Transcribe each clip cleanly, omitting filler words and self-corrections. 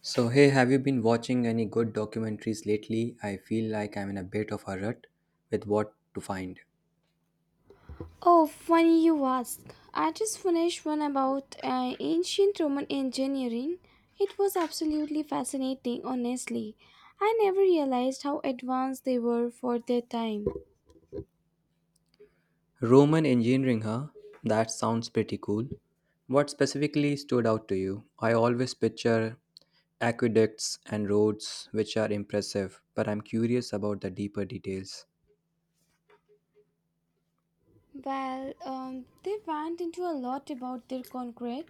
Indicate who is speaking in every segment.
Speaker 1: So, hey, have you been watching any good documentaries lately? I feel like I'm in a bit of a rut with what to find.
Speaker 2: Oh, funny you ask. I just finished one about ancient Roman engineering. It was absolutely fascinating, honestly. I never realized how advanced they were for their time.
Speaker 1: Roman engineering, huh? That sounds pretty cool. What specifically stood out to you? I always picture aqueducts and roads, which are impressive, but I'm curious about the deeper details.
Speaker 2: They went into a lot about their concrete,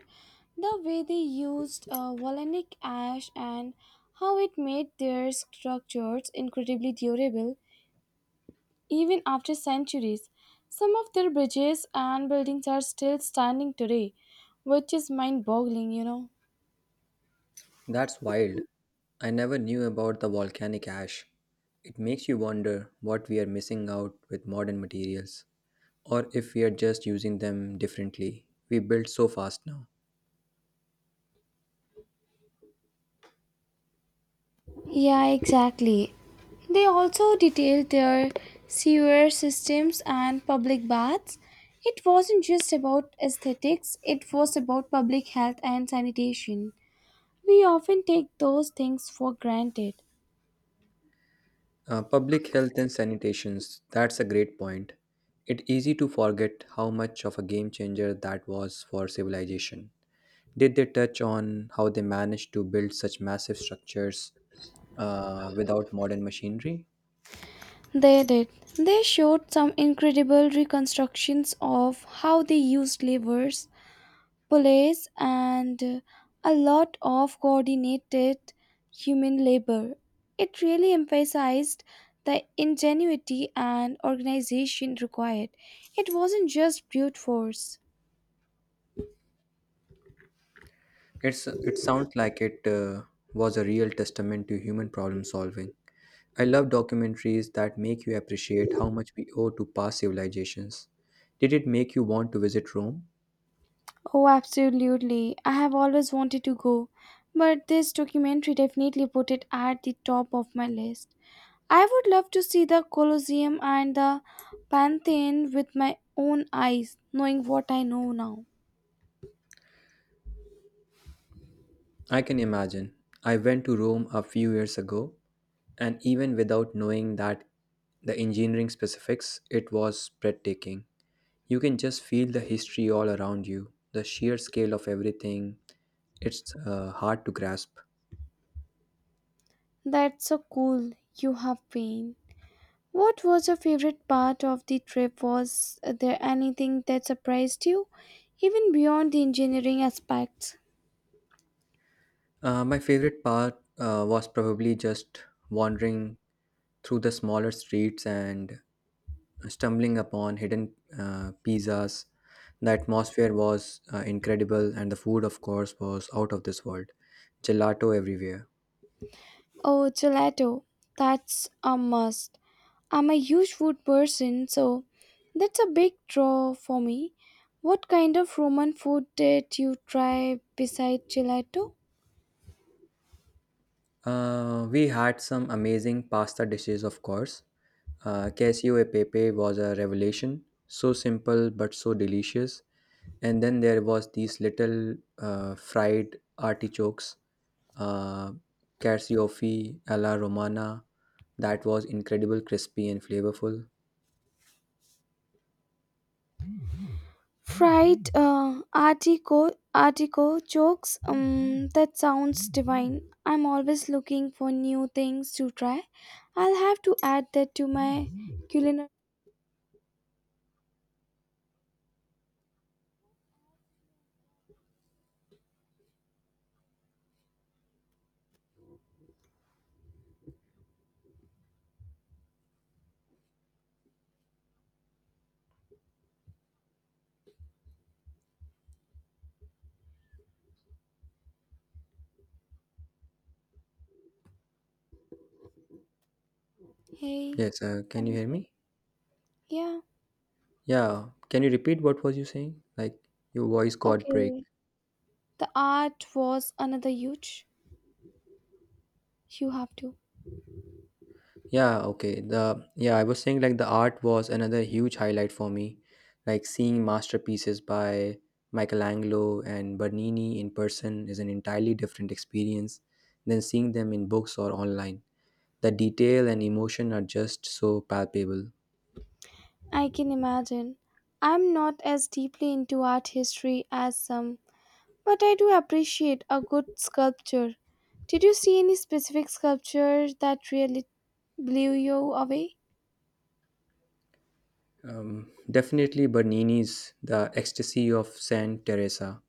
Speaker 2: the way they used volcanic ash, and how it made their structures incredibly durable. Even after centuries, some of their bridges and buildings are still standing today, which is mind boggling.
Speaker 1: That's wild. I never knew about the volcanic ash. It makes you wonder what we are missing out with modern materials, or if we are just using them differently. We build so fast now.
Speaker 2: Yeah, exactly. They also detailed their sewer systems and public baths. It wasn't just about aesthetics, it was about public health and sanitation. We often take those things for granted.
Speaker 1: Public health and sanitations, that's a great point. It's easy to forget how much of a game changer that was for civilization. Did they touch on how they managed to build such massive structures without modern machinery?
Speaker 2: They did. They showed some incredible reconstructions of how they used levers police, and a lot of coordinated human labor. It really emphasized the ingenuity and organization required. It wasn't just brute force.
Speaker 1: It sounds like it was a real testament to human problem solving. I love documentaries that make you appreciate how much we owe to past civilizations. Did it make you want to visit Rome?
Speaker 2: Oh, absolutely. I have always wanted to go, but this documentary definitely put it at the top of my list. I would love to see the Colosseum and the Pantheon with my own eyes, knowing what I know now.
Speaker 1: I can imagine. I went to Rome a few years ago, and even without knowing that the engineering specifics, it was breathtaking. You can just feel the history all around you, the sheer scale of everything. It's hard to grasp.
Speaker 2: That's so cool. You have been. What was your favorite part of the trip? Was there anything that surprised you, even beyond the engineering aspects?
Speaker 1: My favorite part was probably just wandering through the smaller streets and stumbling upon hidden pizzas. The atmosphere was incredible, and the food, of course, was out of this world. Gelato everywhere.
Speaker 2: Oh, gelato. That's a must. I'm a huge food person, so that's a big draw for me. What kind of Roman food did you try besides gelato?
Speaker 1: We had some amazing pasta dishes, of course. Casio e pepe was a revelation. So simple but so delicious. And then there was these little fried artichokes, uh, carciofi alla romana. That was incredible, crispy and flavorful.
Speaker 2: Fried artichokes, that sounds divine. I'm always looking for new things to try. I'll have to add that to my culinary. Hey,
Speaker 1: Yes, can you
Speaker 2: I'm
Speaker 1: hear
Speaker 2: there.
Speaker 1: me?
Speaker 2: Yeah,
Speaker 1: Yeah, can you repeat what was you saying? Like your voice got break.
Speaker 2: okay. The art was another huge. You have to.
Speaker 1: Yeah, okay. I was saying like the art was another huge highlight for me. Like seeing masterpieces by Michelangelo and Bernini in person is an entirely different experience than seeing them in books or online. The detail and emotion are just so palpable.
Speaker 2: I can imagine. I'm not as deeply into art history as some, but I do appreciate a good sculpture. Did you see any specific sculptures that really blew you away?
Speaker 1: Definitely Bernini's The Ecstasy of Saint Teresa.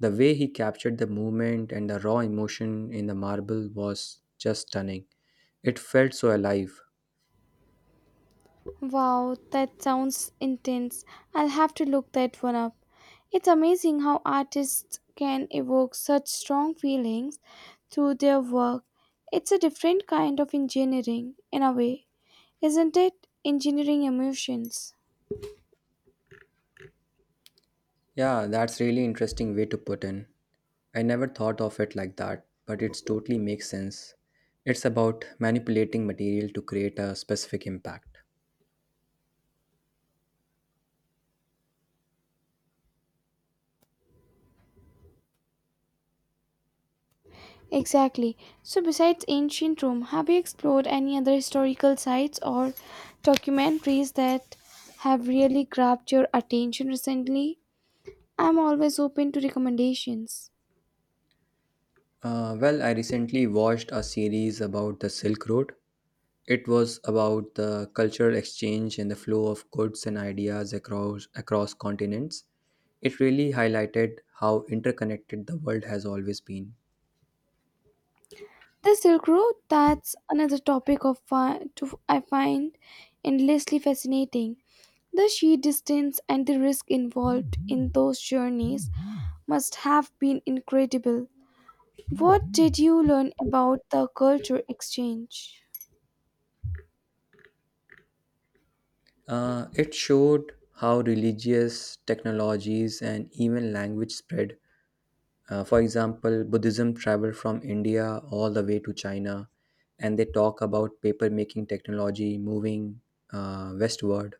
Speaker 1: The way he captured the movement and the raw emotion in the marble was just stunning. It felt so alive.
Speaker 2: Wow, that sounds intense. I'll have to look that one up. It's amazing how artists can evoke such strong feelings through their work. It's a different kind of engineering, in a way, isn't it? Engineering emotions.
Speaker 1: Yeah, that's really interesting way to put in. I never thought of it like that, but it totally makes sense. It's about manipulating material to create a specific impact.
Speaker 2: Exactly. So, besides ancient Rome, have you explored any other historical sites or documentaries that have really grabbed your attention recently? I'm always open to recommendations.
Speaker 1: Well, I recently watched a series about the Silk Road. It was about the cultural exchange and the flow of goods and ideas across continents. It really highlighted how interconnected the world has always been.
Speaker 2: The Silk Road, that's another topic of I find endlessly fascinating. The sheer distance and the risk involved in those journeys must have been incredible. What did you learn about the culture exchange?
Speaker 1: It showed how religious technologies and even language spread. For example, Buddhism traveled from India all the way to China, and they talk about paper making technology moving westward.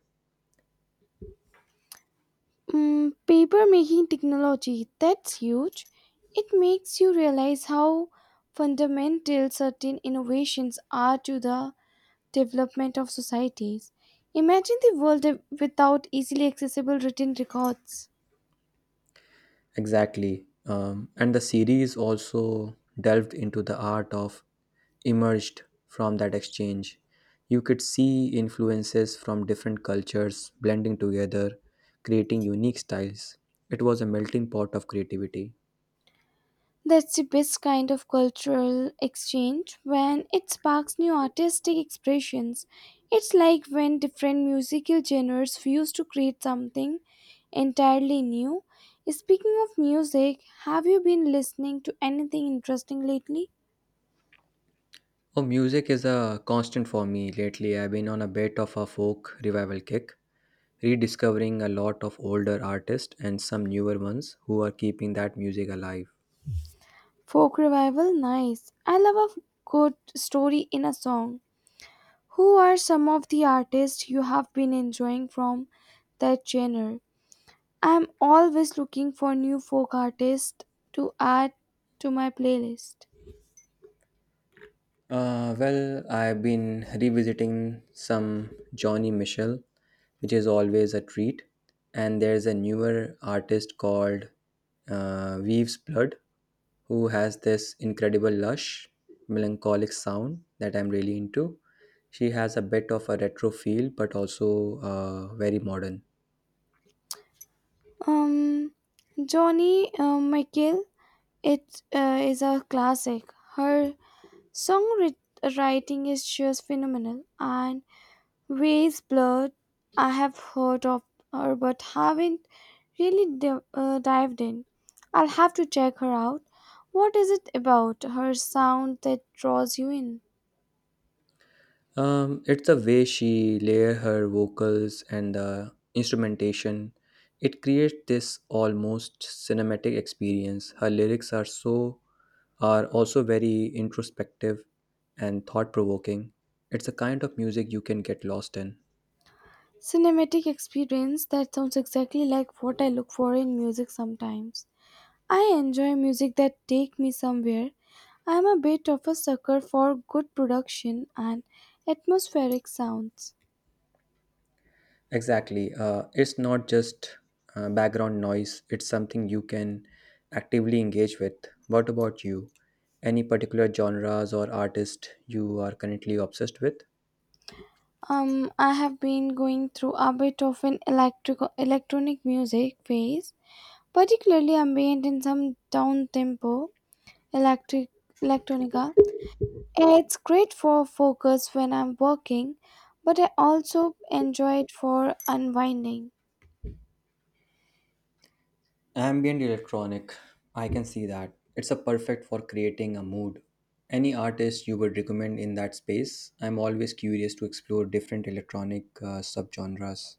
Speaker 2: Mm, paper making technology, that's huge. It makes you realize how fundamental certain innovations are to the development of societies. Imagine the world without easily accessible written records.
Speaker 1: Exactly. And the series also delved into the art of emerged from that exchange. You could see influences from different cultures blending together, creating unique styles. It was a melting pot of creativity.
Speaker 2: That's the best kind of cultural exchange when it sparks new artistic expressions. It's like when different musical genres fuse to create something entirely new. Speaking of music, have you been listening to anything interesting lately?
Speaker 1: Oh, music is a constant for me lately. I've been on a bit of a folk revival kick, rediscovering a lot of older artists and some newer ones who are keeping that music alive.
Speaker 2: Folk revival, nice. I love a good story in a song. Who are some of the artists you have been enjoying from that genre? I'm always looking for new folk artists to add to my playlist.
Speaker 1: Well, I've been revisiting some Johnny Mitchell, which is always a treat. And there's a newer artist called Weaves Blood, who has this incredible, lush, melancholic sound that I'm really into. She has a bit of a retro feel, but also very modern.
Speaker 2: Um, Johnny Michael, it is a classic. Her songwriting is just phenomenal, and Ways Blood, I have heard of her but haven't really dived in. I'll have to check her out. What is it about her sound that draws you in?
Speaker 1: It's the way she layer her vocals and the instrumentation. It creates this almost cinematic experience. Her lyrics are so are also very introspective and thought provoking. It's a kind of music you can get lost in.
Speaker 2: Cinematic experience that sounds exactly like what I look for in music sometimes. I enjoy music that take me somewhere. I am a bit of a sucker for good production and atmospheric sounds.
Speaker 1: Exactly. It's not just background noise, it's something you can actively engage with. What about you? Any particular genres or artist you are currently obsessed with?
Speaker 2: I have been going through a bit of an electric electronic music phase, particularly ambient in some down tempo electric electronica. It's great for focus when I'm working, but I also enjoy it for unwinding.
Speaker 1: Ambient electronic, I can see that. It's a perfect for creating a mood. Any artist you would recommend in that space? I'm always curious to explore different electronic subgenres.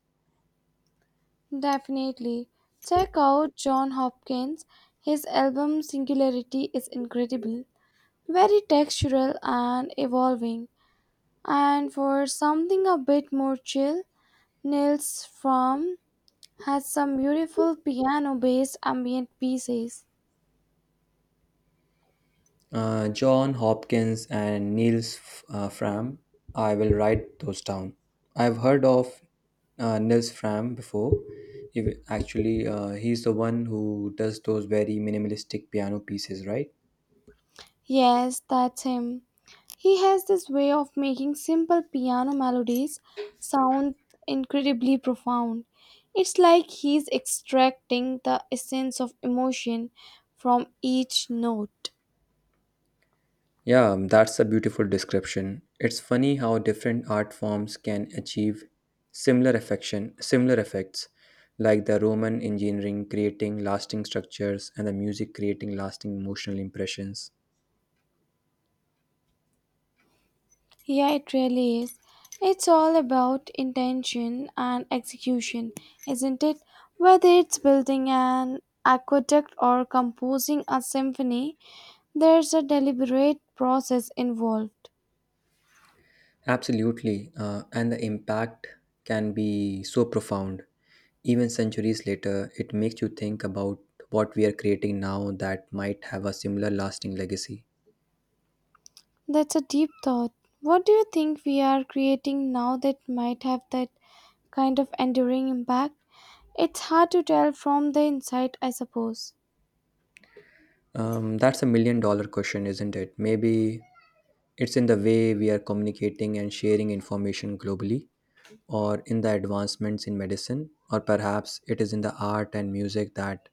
Speaker 2: Definitely. Check out John Hopkins. His album Singularity is incredible, very textural and evolving. And for something a bit more chill, Nils Fromm has some beautiful piano based ambient pieces.
Speaker 1: John Hopkins and Fram. I will write those down. I've heard of Niels Fram before. If, actually, he's the one who does those very minimalistic piano pieces, right?
Speaker 2: Yes, that's him. He has this way of making simple piano melodies sound incredibly profound. It's like he's extracting the essence of emotion from each note.
Speaker 1: Yeah, that's a beautiful description. It's funny how different art forms can achieve similar effects, like the Roman engineering creating lasting structures and the music creating lasting emotional impressions.
Speaker 2: Yeah, it really is. It's all about intention and execution, isn't it? Whether it's building an aqueduct or composing a symphony, there's a deliberate process involved.
Speaker 1: Absolutely, and the impact can be so profound. Even centuries later, it makes you think about what we are creating now that might have a similar lasting legacy.
Speaker 2: That's a deep thought. What do you think we are creating now that might have that kind of enduring impact? It's hard to tell from the inside, I suppose.
Speaker 1: That's a million dollar question, isn't it? Maybe it's in the way we are communicating and sharing information globally, or in the advancements in medicine, or perhaps it is in the art and music that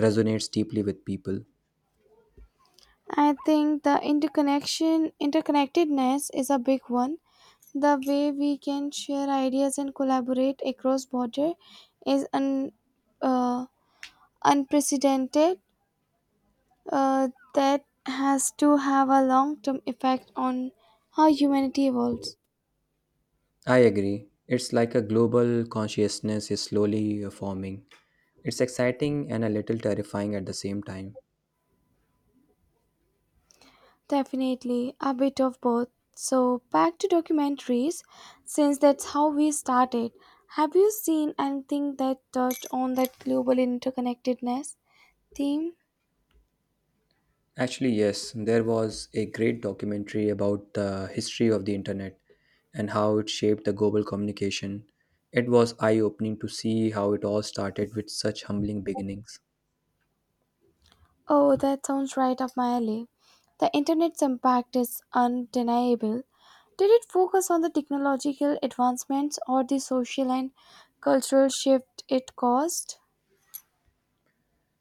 Speaker 1: resonates deeply with people.
Speaker 2: I think the interconnectedness is a big one. The way we can share ideas and collaborate across border is uh, unprecedented. That has to have a long-term effect on how humanity evolves.
Speaker 1: I agree. It's like a global consciousness is slowly forming. It's exciting and a little terrifying at the same time.
Speaker 2: Definitely, a bit of both. So, back to documentaries, since that's how we started. Have you seen anything that touched on that global interconnectedness theme?
Speaker 1: Actually, yes, there was a great documentary about the history of the internet and how it shaped the global communication. It was eye opening to see how it all started with such humbling beginnings.
Speaker 2: Oh, that sounds right up my alley. The internet's impact is undeniable. Did it focus on the technological advancements or the social and cultural shift it caused?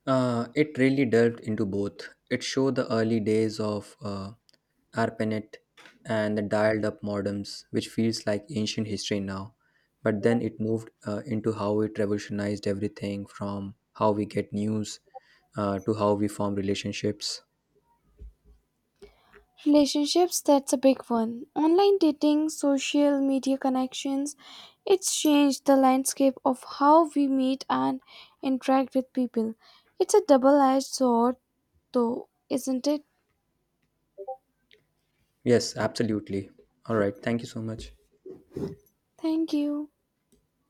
Speaker 1: It really delved into both. It showed the early days of ARPANET and the dialed up modems, which feels like ancient history now. But then it moved into how it revolutionized everything from how we get news to how we form relationships.
Speaker 2: Relationships, that's a big one. Online dating, social media connections, it's changed the landscape of how we meet and interact with people. It's a double edged sword, though, isn't it?
Speaker 1: Yes, absolutely. All right. Thank you so much.
Speaker 2: Thank you.